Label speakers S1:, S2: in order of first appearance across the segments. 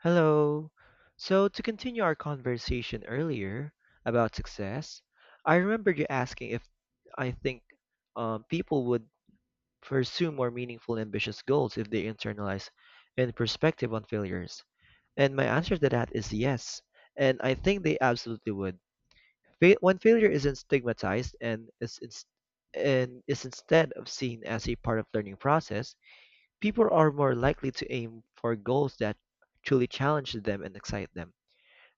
S1: Hello. So, to continue our conversation earlier about success, I remember you asking if I think people would pursue more meaningful, ambitious goals if they internalize and perspective on failures. And my answer to that is yes. And I think they absolutely would. When failure isn't stigmatized and is, instead of seen as a part of learning process, people are more likely to aim for goals that truly challenge them and excite them.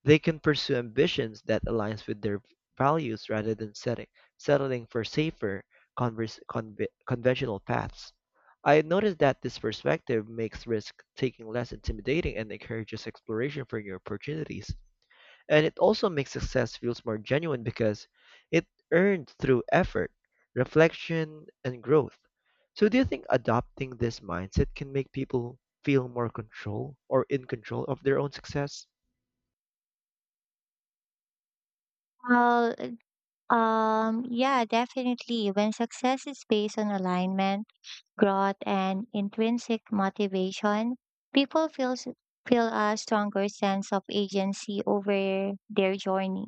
S1: They can pursue ambitions that aligns with their values rather than settling for safer, conventional paths. I noticed that this perspective makes risk taking less intimidating and encourages exploration for new opportunities. And it also makes success feels more genuine because it earned through effort, reflection, and growth. So do you think adopting this mindset can make people feel more control or in control of their own success?
S2: Uh, yeah, definitely. When success is based on alignment, growth, and intrinsic motivation, people feel, feel a stronger sense of agency over their journey.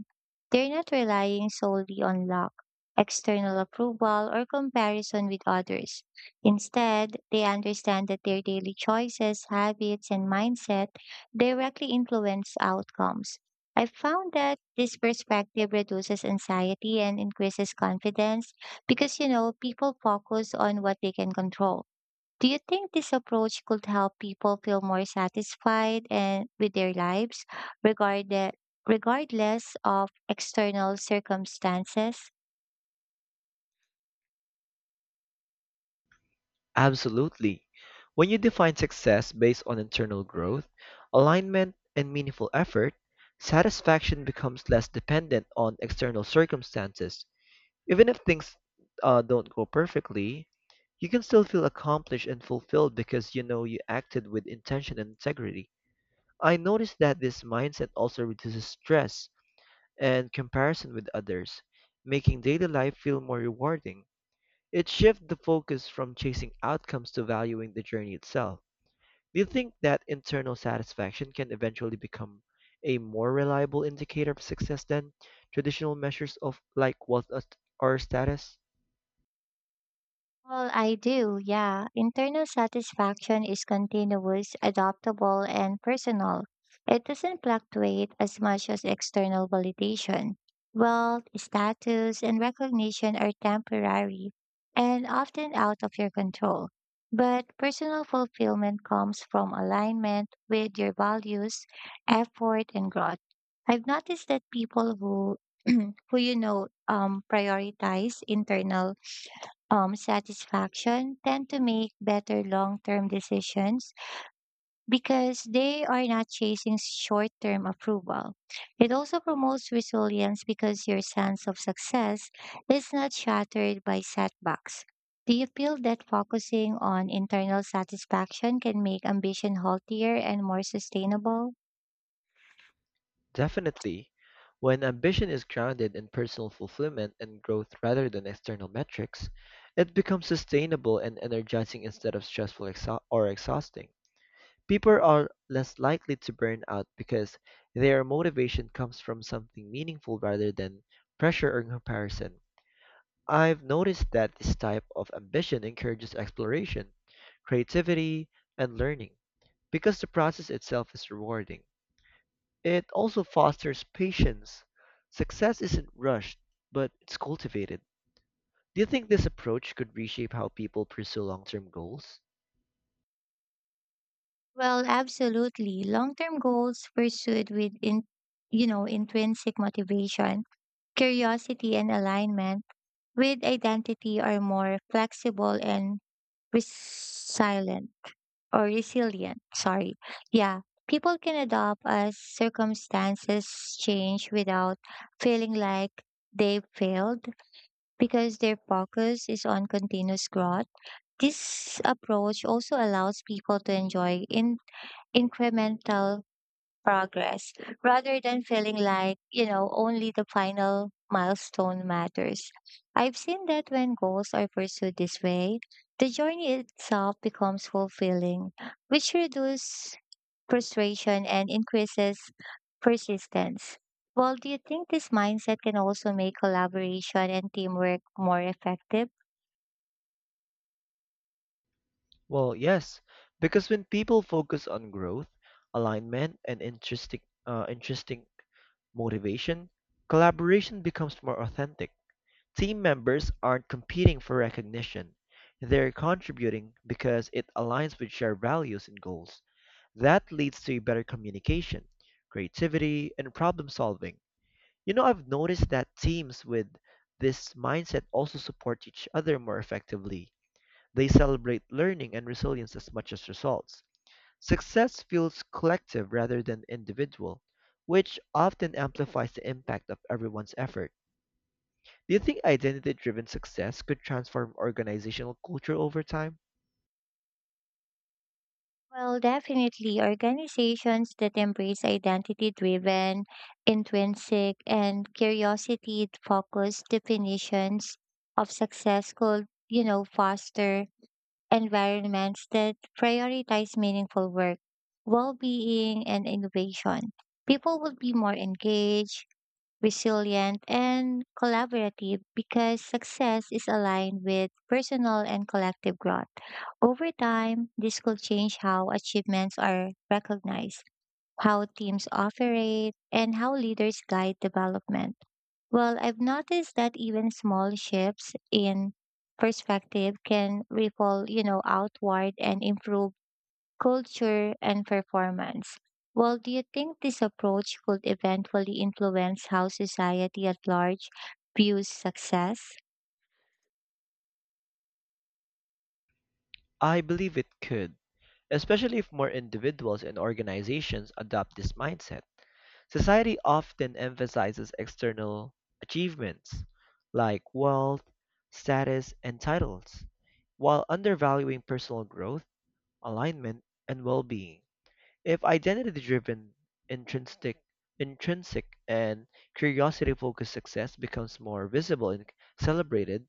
S2: They're not relying solely on luck, external approval, or comparison with others. Instead, they understand that their daily choices, habits, and mindset directly influence outcomes. I found that this perspective reduces anxiety and increases confidence because people focus on what they can control. Do you think this approach could help people feel more satisfied and with their lives regardless regardless of external circumstances?
S1: Absolutely. When you define success based on internal growth, alignment, and meaningful effort, satisfaction becomes less dependent on external circumstances. Even if things don't go perfectly, you can still feel accomplished and fulfilled because you know you acted with intention and integrity. I noticed that this mindset also reduces stress and comparison with others, making daily life feel more rewarding. It shifts the focus from chasing outcomes to valuing the journey itself. Do you think that internal satisfaction can eventually become a more reliable indicator of success than traditional measures of like wealth or status?
S2: Well, I do, yeah. Internal satisfaction is continuous, adaptable, and personal. It doesn't fluctuate as much as external validation. Wealth, status, and recognition are temporary and often out of your control. But personal fulfillment comes from alignment with your values, effort, and growth. I've noticed that people who who prioritize internal satisfaction tend to make better long term decisions because they are not chasing short term approval. It also promotes resilience because your sense of success is not shattered by setbacks. Do you feel that focusing on internal satisfaction can make ambition healthier and more sustainable?
S1: Definitely. When ambition is grounded in personal fulfillment and growth rather than external metrics, it becomes sustainable and energizing instead of stressful exha- or exhausting. People are less likely to burn out because their motivation comes from something meaningful rather than pressure or comparison. I've noticed that this type of ambition encourages exploration, creativity, and learning because the process itself is rewarding. It also fosters patience. Success isn't rushed, but it's cultivated. Do you think this approach could reshape how people pursue long term goals?
S2: Well, absolutely. Long-term goals pursued with intrinsic motivation, curiosity and alignment with identity are more flexible and resilient or resilient sorry yeah People can adapt as circumstances change without feeling like they failed, because their focus is on continuous growth. This approach also allows people to enjoy in incremental progress rather than feeling like only the final milestone matters. I've seen that when goals are pursued this way, the journey itself becomes fulfilling, which reduces frustration and increases persistence. Well, do you think this mindset can also make collaboration and teamwork more effective?
S1: Well, yes, because when people focus on growth, alignment, and interesting motivation, collaboration becomes more authentic. Team members aren't competing for recognition. They're contributing because it aligns with shared values and goals. That leads to better communication, creativity, and problem solving. I've noticed that teams with this mindset also support each other more effectively. They celebrate learning and resilience as much as results. Success feels collective rather than individual, which often amplifies the impact of everyone's effort. Do you think identity driven success could transform organizational culture over time?
S2: Well, definitely. Organizations that embrace identity driven, intrinsic, and curiosity focused definitions of success could foster environments that prioritize meaningful work, well being, and innovation. People would be more engaged, resilient, and collaborative because success is aligned with personal and collective growth. Over time, this will change how achievements are recognized, how teams operate, and how leaders guide development. Well, I've noticed that even small shifts in perspective can ripple outward and improve culture, and performance. Well, do you think this approach could eventually influence how society at large views success?
S1: I believe it could. Especially if more individuals and organizations adopt this mindset. Society often emphasizes external achievements like wealth, status, and titles, while undervaluing personal growth, alignment, and well-being. If identity-driven, intrinsic, intrinsic, and curiosity-focused success becomes more visible and celebrated,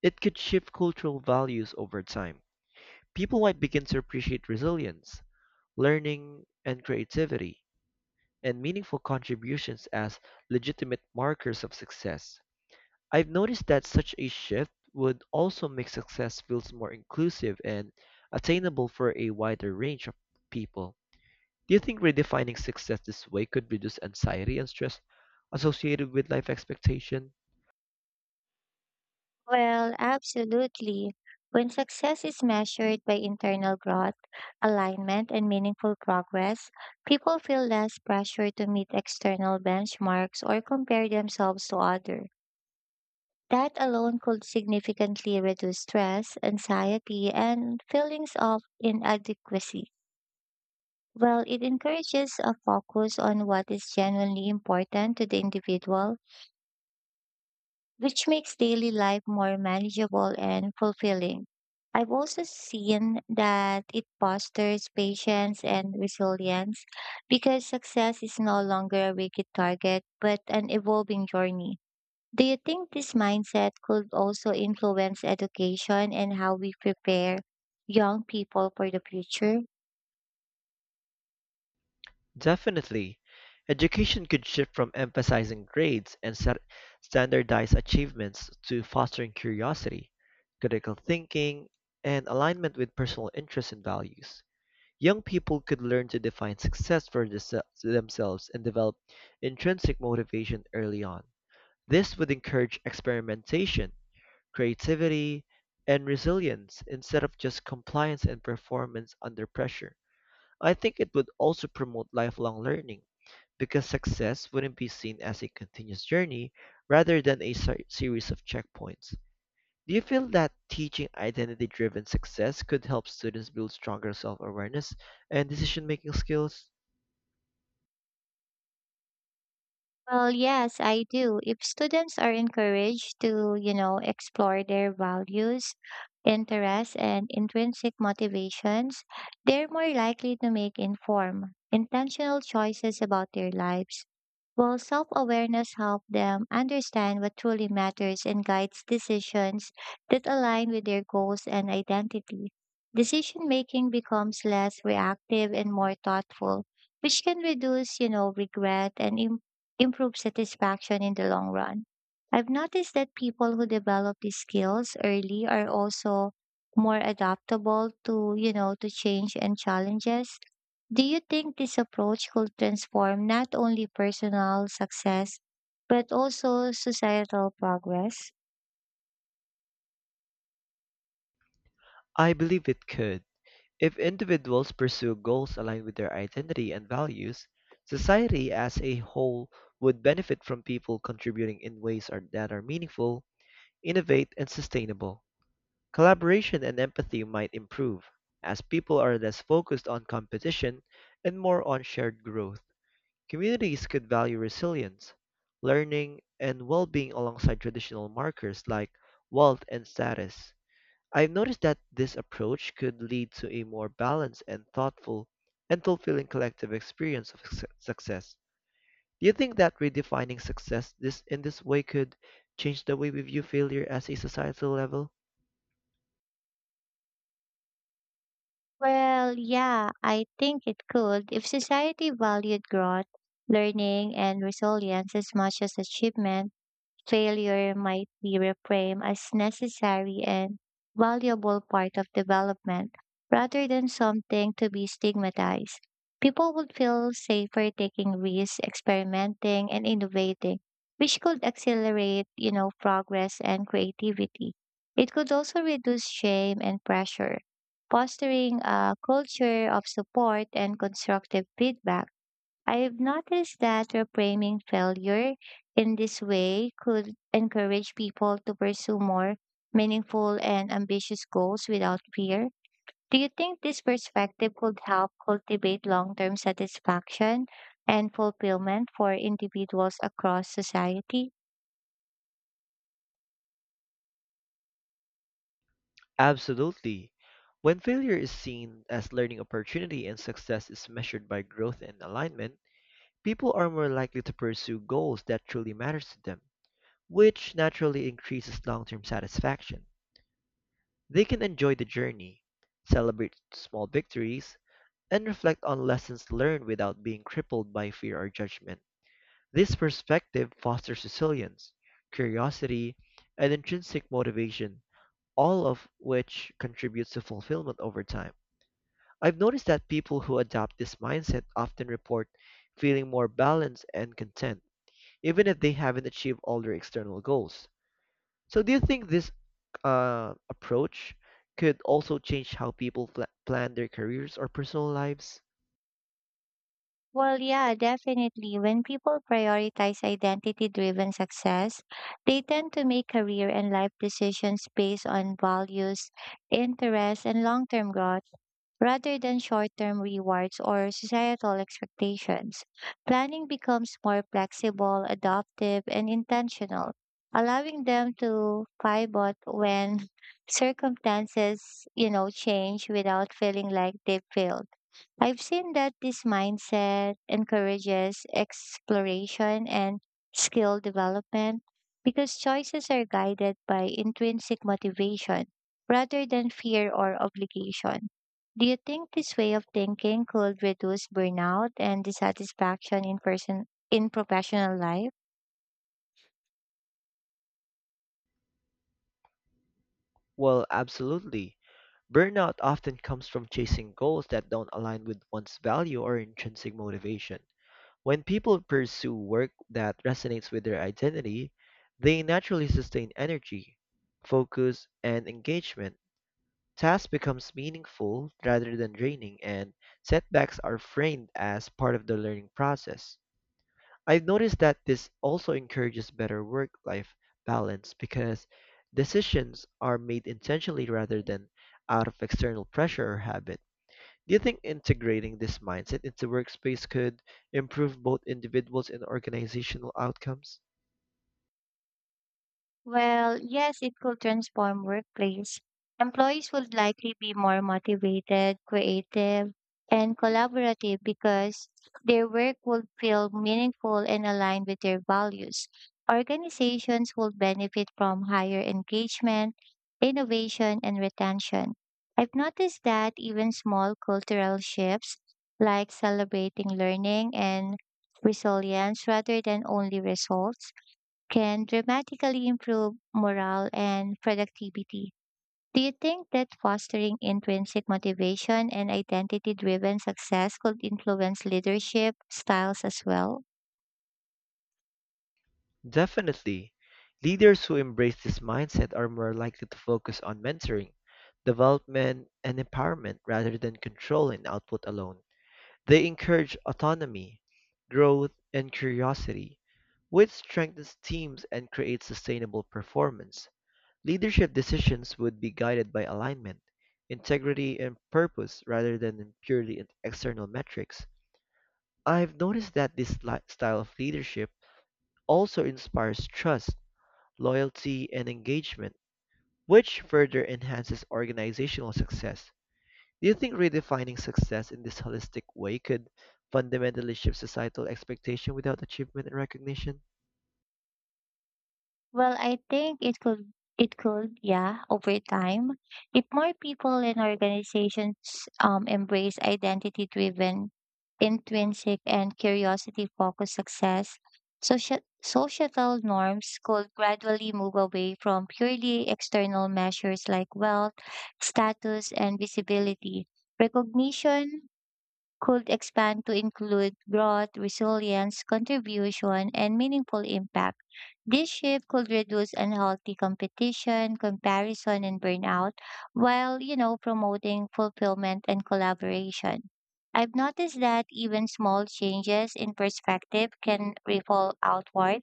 S1: it could shift cultural values over time. People might begin to appreciate resilience, learning, and creativity, and meaningful contributions as legitimate markers of success. I've noticed that such a shift would also make success feels more inclusive and attainable for a wider range of people. Do you think redefining success this way could reduce anxiety and stress associated with life expectation?
S2: Well, absolutely. When success is measured by internal growth, alignment, and meaningful progress, people feel less pressure to meet external benchmarks or compare themselves to others. That alone could significantly reduce stress, anxiety, and feelings of inadequacy. Well, it encourages a focus on what is genuinely important to the individual, which makes daily life more manageable and fulfilling. I've also seen that it fosters patience and resilience because success is no longer a rigid target but an evolving journey. Do you think this mindset could also influence education and how we prepare young people for the future?
S1: Definitely, education could shift from emphasizing grades and standardized achievements to fostering curiosity, critical thinking, and alignment with personal interests and values. Young people could learn to define success for themselves and develop intrinsic motivation early on. This would encourage experimentation, creativity, and resilience instead of just compliance and performance under pressure. I think it would also promote lifelong learning because success wouldn't be seen as a continuous journey rather than a series of checkpoints. Do you feel that teaching identity driven success could help students build stronger self awareness and decision making skills?
S2: Well, yes, I do. If students are encouraged to explore their values, interests, and intrinsic motivations, they're more likely to make informed, intentional choices about their lives. While self-awareness helps them understand what truly matters and guides decisions that align with their goals and identity. Decision making becomes less reactive and more thoughtful, which can reduce regret and improve satisfaction in the long run. I've noticed that people who develop these skills early are also more adaptable to change and challenges. Do you think this approach could transform not only personal success, but also societal progress?
S1: I believe it could. If individuals pursue goals aligned with their identity and values, society as a whole would benefit from people contributing in ways that are meaningful, innovate, and sustainable. Collaboration and empathy might improve, as people are less focused on competition and more on shared growth. Communities could value resilience, learning, and well being alongside traditional markers like wealth and status. I've noticed that this approach could lead to a more balanced and thoughtful and fulfilling collective experience of success. Do you think that redefining success this in this way could change the way we view failure as a societal level?
S2: Well, yeah, I think it could. If society valued growth, learning, and resilience as much as achievement, failure might be reframed as necessary and valuable part of development rather than something to be stigmatized. People would feel safer taking risks, experimenting and innovating, which could accelerate progress and creativity. It could also reduce shame and pressure, fostering a culture of support and constructive feedback. I've noticed that reframing failure in this way could encourage people to pursue more meaningful and ambitious goals without fear. Do you think this perspective could help cultivate long term satisfaction and fulfillment for individuals across society?
S1: Absolutely. When failure is seen as learning opportunity and success is measured by growth and alignment, people are more likely to pursue goals that truly matters to them, which naturally increases long-term satisfaction. They can enjoy the journey, celebrate small victories, and reflect on lessons learned without being crippled by fear or judgment. This perspective fosters resilience, curiosity, and intrinsic motivation, all of which contributes to fulfillment over time. I've noticed that people who adopt this mindset often report feeling more balanced and content, even if they haven't achieved all their external goals. So, do you think this approach could also change how people plan their careers or personal lives?
S2: Well, yeah, definitely. When people prioritize identity driven success, they tend to make career and life decisions based on values, interests, and long term growth rather than short term rewards or societal expectations. Planning becomes more flexible, adaptive, and intentional, allowing them to pivot when circumstances change without feeling like they failed. I've seen that this mindset encourages exploration and skill development because choices are guided by intrinsic motivation rather than fear or obligation. Do you think this way of thinking could reduce burnout and dissatisfaction in professional life?
S1: Well, absolutely. Burnout often comes from chasing goals that don't align with one's value or intrinsic motivation. When people pursue work that resonates with their identity, they naturally sustain energy, focus, and engagement. Task becomes meaningful rather than draining, and setbacks are framed as part of the learning process. I've noticed that this also encourages better work life balance because decisions are made intentionally rather than out of external pressure or habit. Do you think integrating this mindset into workspace could improve both individuals and organizational outcomes?
S2: Well, yes, it could transform workplace. Employees would likely be more motivated, creative, and collaborative because their work would feel meaningful and aligned with their values. Organizations will benefit from higher engagement, innovation, and retention. I've noticed that even small cultural shifts like celebrating learning and resilience rather than only results can dramatically improve morale and productivity. Do you think that fostering intrinsic motivation and identity driven success could influence leadership styles as well?
S1: Definitely. Leaders who embrace this mindset are more likely to focus on mentoring, development, and empowerment rather than control and output alone. They encourage autonomy, growth, and curiosity, which strengthens teams and creates sustainable performance. Leadership decisions would be guided by alignment, integrity, and purpose rather than in purely external metrics. I've noticed that this style of leadership also inspires trust, loyalty, and engagement, which further enhances organizational success. Do you think redefining success in this holistic way could fundamentally shift societal expectation without achievement and recognition?
S2: Well, I think it could, yeah, over time. If more people and organizations embrace identity driven, intrinsic and curiosity focused success, social societal norms could gradually move away from purely external measures like wealth, status and visibility. Recognition could expand to include growth, resilience, contribution, and meaningful impact. This shift could reduce unhealthy competition, comparison, and burnout while promoting fulfillment and collaboration. I've noticed that even small changes in perspective can ripple outward,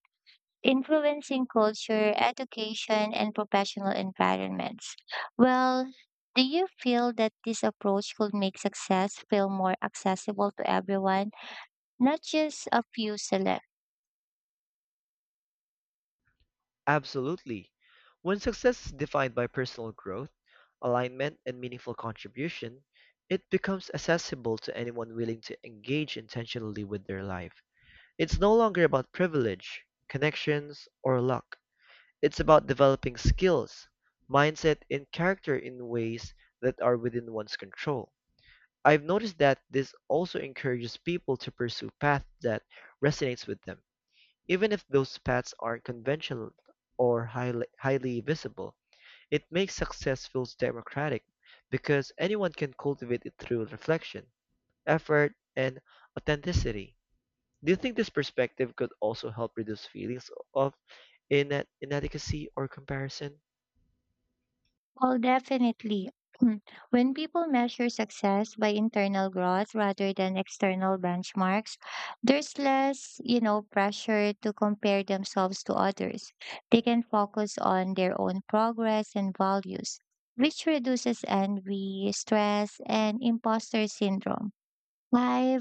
S2: influencing culture, education, and professional environments. Well, do you feel that this approach could make success feel more accessible to everyone, not just a few select?
S1: Absolutely. When success is defined by personal growth, alignment, and meaningful contribution, it becomes accessible to anyone willing to engage intentionally with their life. It's no longer about privilege, connections, or luck. It's about developing skills, mindset, and character in ways that are within one's control. I've noticed that this also encourages people to pursue paths that resonates with them even if those paths aren't conventional or highly, highly visible, it makes success feel democratic because anyone can cultivate it through reflection, effort, and authenticity. Do you think this perspective could also help reduce feelings of inadequacy or comparison?
S2: Well, definitely. When people measure success by internal growth rather than external benchmarks, there's less pressure to compare themselves to others. They can focus on their own progress and values, which reduces envy, stress, and imposter syndrome. I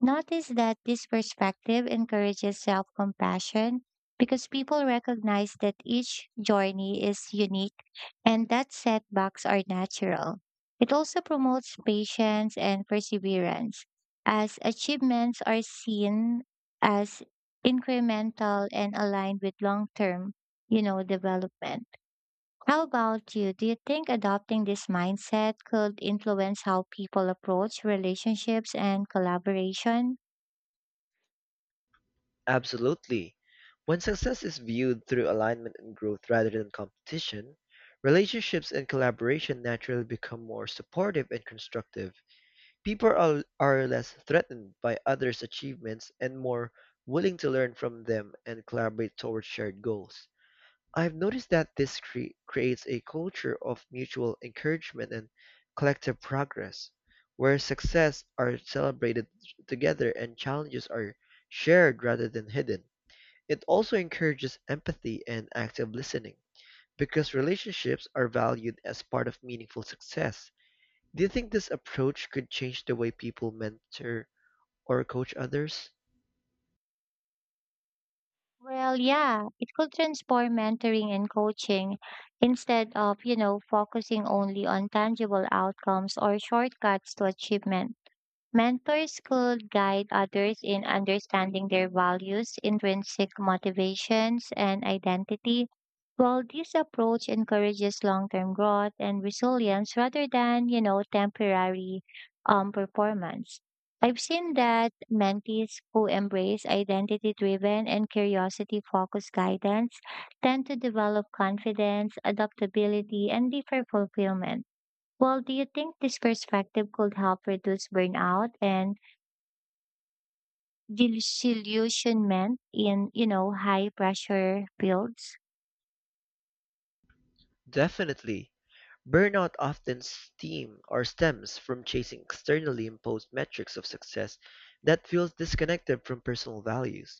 S2: notice that this perspective encourages self compassion because people recognize that each journey is unique and that setbacks are natural. It also promotes patience and perseverance, as achievements are seen as incremental and aligned with long term development. How about you? Do you think adopting this mindset could influence how people approach relationships and collaboration?
S1: Absolutely. When success is viewed through alignment and growth rather than competition, relationships and collaboration naturally become more supportive and constructive. People are less threatened by others' achievements and more willing to learn from them and collaborate towards shared goals. I've noticed that this creates a culture of mutual encouragement and collective progress, where success are celebrated together and challenges are shared rather than hidden. It also encourages empathy and active listening, because relationships are valued as part of meaningful success. Do you think this approach could change the way people mentor or coach others?
S2: Well, yeah, it could transform mentoring and coaching. Instead of focusing only on tangible outcomes or shortcuts to achievement, mentors could guide others in understanding their values, intrinsic motivations, and identity. While this approach encourages long-term growth and resilience rather than temporary performance. I've seen that mentees who embrace identity-driven and curiosity-focused guidance tend to develop confidence, adaptability, and deeper fulfillment. Well, do you think this perspective could help reduce burnout and disillusionment in high pressure fields?
S1: Definitely. Burnout often stems from chasing externally imposed metrics of success that feels disconnected from personal values.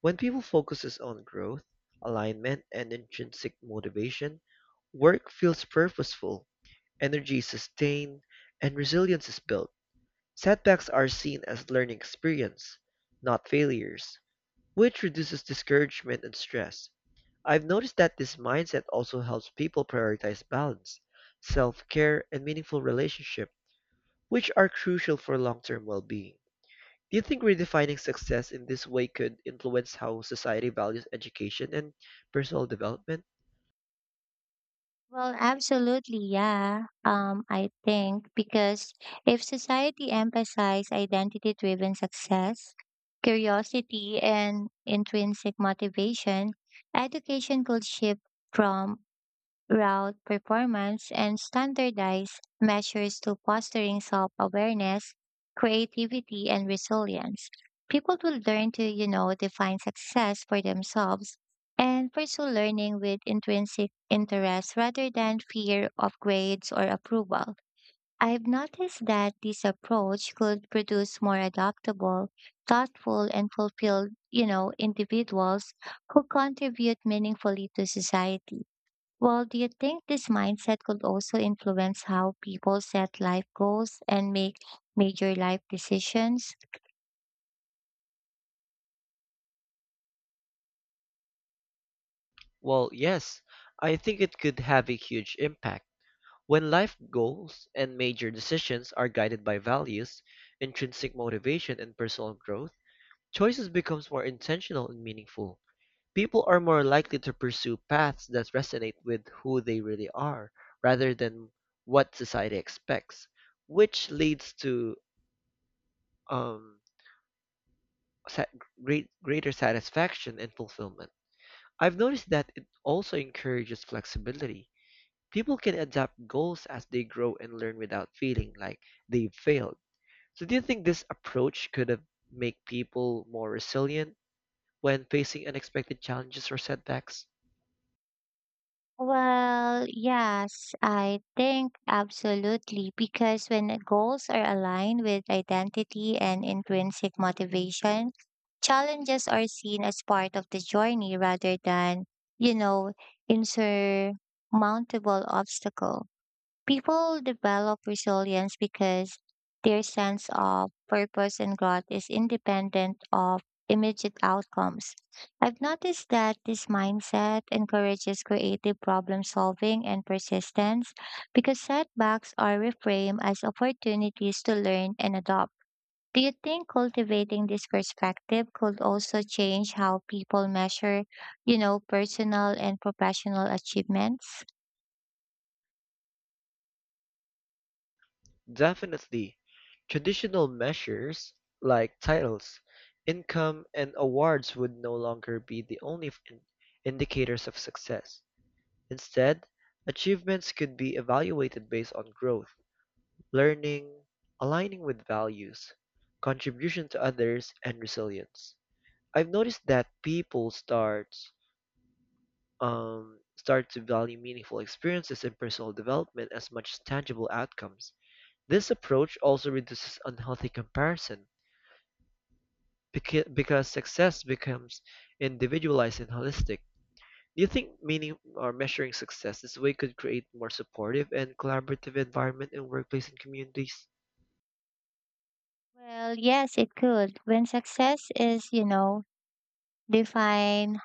S1: When people focuses on growth, alignment, and intrinsic motivation, work feels purposeful, energy is sustained, and resilience is built. Setbacks are seen as learning experience, not failures, which reduces discouragement and stress. I've noticed that this mindset also helps people prioritize balance, self care, and meaningful relationships, which are crucial for long term well being. Do you think redefining success in this way could influence how society values education and personal development?
S2: Well, absolutely, yeah. I think because if society emphasized identity driven success, curiosity, and intrinsic motivation, education could shift from route performance and standardized measures to fostering self-awareness, creativity, and resilience. People will learn to define success for themselves and pursue learning with intrinsic interest rather than fear of grades or approval. I've noticed that this approach could produce more adaptable, thoughtful, and fulfilled individuals who contribute meaningfully to society. Well, do you think this mindset could also influence how people set life goals and make major life decisions?
S1: Well, yes, I think it could have a huge impact. When life goals and major decisions are guided by values, intrinsic motivation, and personal growth, choices becomes more intentional and meaningful. People are more likely to pursue paths that resonate with who they really are, rather than what society expects, which leads to um, sa- greater satisfaction and fulfillment. I've noticed that it also encourages flexibility. People can adapt goals as they grow and learn without feeling like they've failed. So do you think this approach could have make people more resilient when facing unexpected challenges or setbacks?
S2: Well, yes, I think absolutely, because when goals are aligned with identity and intrinsic motivation, challenges are seen as part of the journey rather than, you know, insurmountable obstacle. People develop resilience because their sense of purpose and growth is independent of immediate outcomes. I've noticed that this mindset encourages creative problem solving and persistence because setbacks are reframed as opportunities to learn and adopt. Do you think cultivating this perspective could also change how people measure personal and professional achievements?
S1: Definitely. Traditional measures like titles, income, and awards would no longer be the only indicators of success. Instead, achievements could be evaluated based on growth, learning, aligning with values, contribution to others, and resilience. I've noticed that people start to value meaningful experiences and personal development as much as tangible outcomes. This approach also reduces unhealthy comparison because success becomes individualized and holistic. Do you think meaning or measuring success this way could create more supportive and collaborative environment in workplace and communities?
S2: Well, yes, it could. When success is defined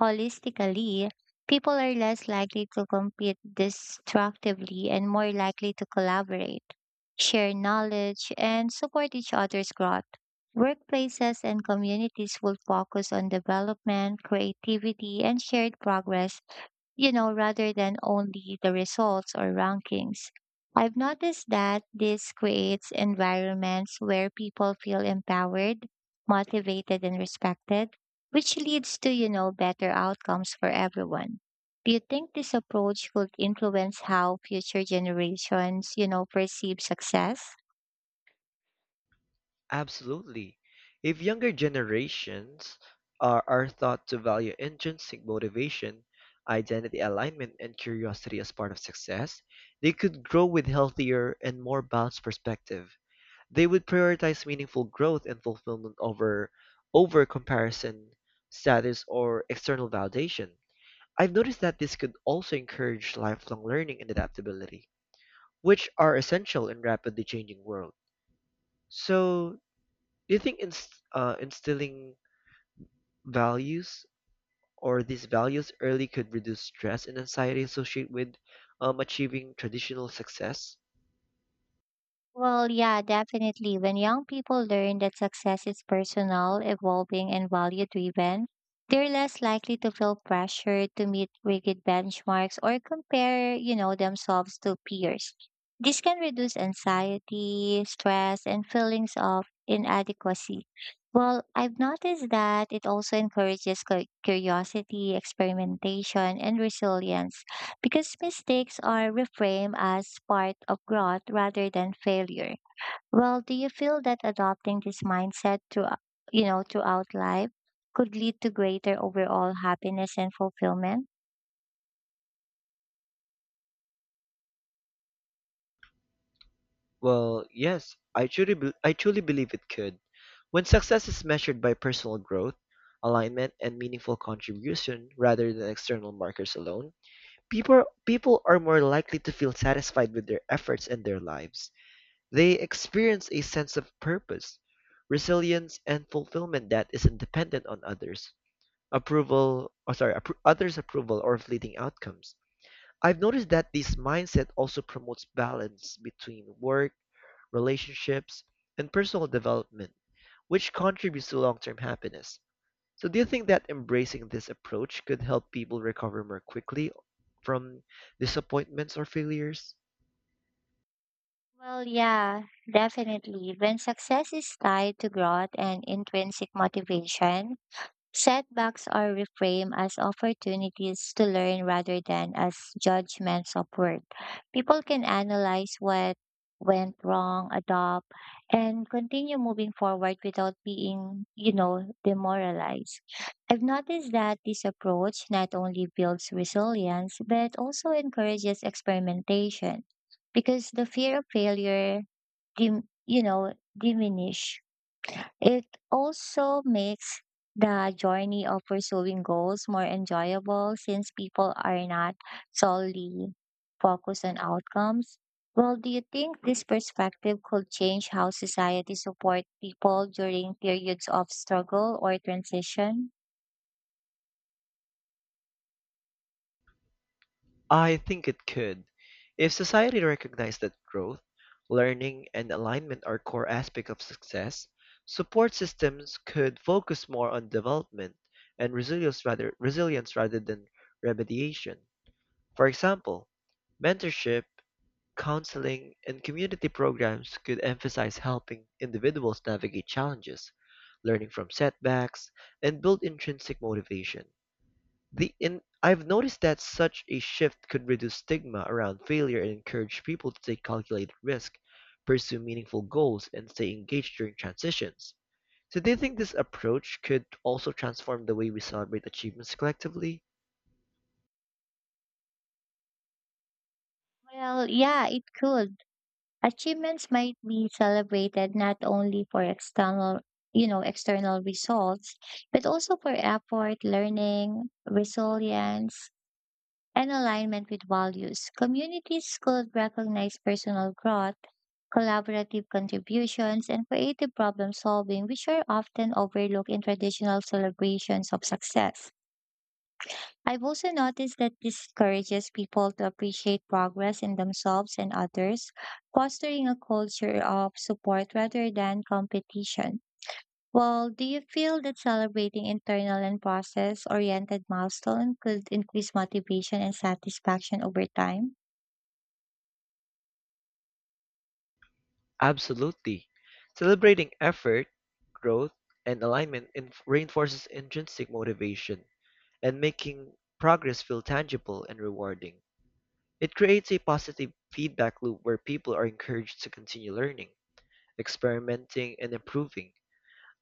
S2: holistically, people are less likely to compete destructively and more likely to collaborate, share knowledge, and support each other's growth. Workplaces and communities will focus on development, creativity, and shared progress, rather than only the results or rankings. I've noticed that this creates environments where people feel empowered, motivated, and respected, which leads to better outcomes for everyone. Do you think this approach could influence how future generations perceive success?
S1: Absolutely. If younger generations are taught to value intrinsic motivation, identity alignment, and curiosity as part of success, they could grow with healthier and more balanced perspective. They would prioritize meaningful growth and fulfillment over comparison, status, or external validation. I've noticed that this could also encourage lifelong learning and adaptability, which are essential in rapidly changing world. So, do you think instilling values or these values early could reduce stress and anxiety associated with achieving traditional success?
S2: Well, yeah, definitely. When young people learn that success is personal, evolving, and value driven, they're less likely to feel pressured to meet rigid benchmarks or compare themselves to peers. This can reduce anxiety, stress, and feelings of inadequacy. Well, I've noticed that it also encourages curiosity, experimentation, and resilience because mistakes are reframed as part of growth rather than failure. Well, do you feel that adopting this mindset to throughout life could lead to greater overall happiness and fulfillment?
S1: Well, yes, I truly believe it could. When success is measured by personal growth, alignment, and meaningful contribution rather than external markers alone, people are more likely to feel satisfied with their efforts and their lives. They experience a sense of purpose, resilience, and fulfillment that isn't dependent on others' approval or fleeting outcomes. I've noticed that this mindset also promotes balance between work, relationships, and personal development, which contributes to long-term happiness. So do you think that embracing this approach could help people recover more quickly from disappointments or failures?
S2: Well, yeah, definitely. When success is tied to growth and intrinsic motivation, setbacks are reframed as opportunities to learn rather than as judgments of worth. People can analyze what went wrong, adopt, and continue moving forward without being demoralized. I've noticed that this approach not only builds resilience, but also encourages experimentation because the fear of failure, diminish it, also makes the journey of pursuing goals more enjoyable since people are not solely focused on outcomes. Well, do you think this perspective could change how society support people during periods of struggle or transition?
S1: I think it could. If society recognized that growth, learning, and alignment are core aspects of success, support systems could focus more on development and resilience rather than remediation. For example, mentorship, counseling, and community programs could emphasize helping individuals navigate challenges, learning from setbacks, and build intrinsic motivation. The in I've noticed that such a shift could reduce stigma around failure and encourage people to take calculated risk, pursue meaningful goals, and stay engaged during transitions. So do you think this approach could also transform the way we celebrate achievements collectively?
S2: Well, yeah, it could. Achievements might be celebrated not only for external results, but also for effort, learning, resilience, and alignment with values. Communities could recognize personal growth, collaborative contributions, and creative problem solving, which are often overlooked in traditional celebrations of success. I've also noticed that this encourages people to appreciate progress in themselves and others, fostering a culture of support rather than competition. Well, do you feel that celebrating internal and process oriented milestone could increase motivation and satisfaction over time?
S1: Absolutely. Celebrating effort, growth, and alignment reinforces intrinsic motivation and making progress feel tangible and rewarding. It creates a positive feedback loop where people are encouraged to continue learning experimenting, and improving.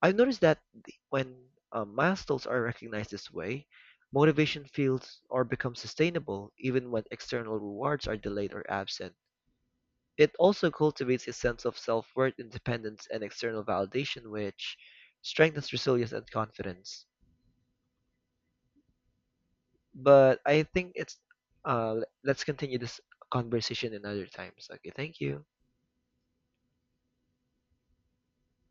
S1: I've noticed that when milestones are recognized this way, motivation feels or becomes sustainable even when external rewards are delayed or absent. It also cultivates a sense of self worth, independence, and external validation, which strengthens resilience and confidence. But I think it's let's continue this conversation in other times. Okay, thank you.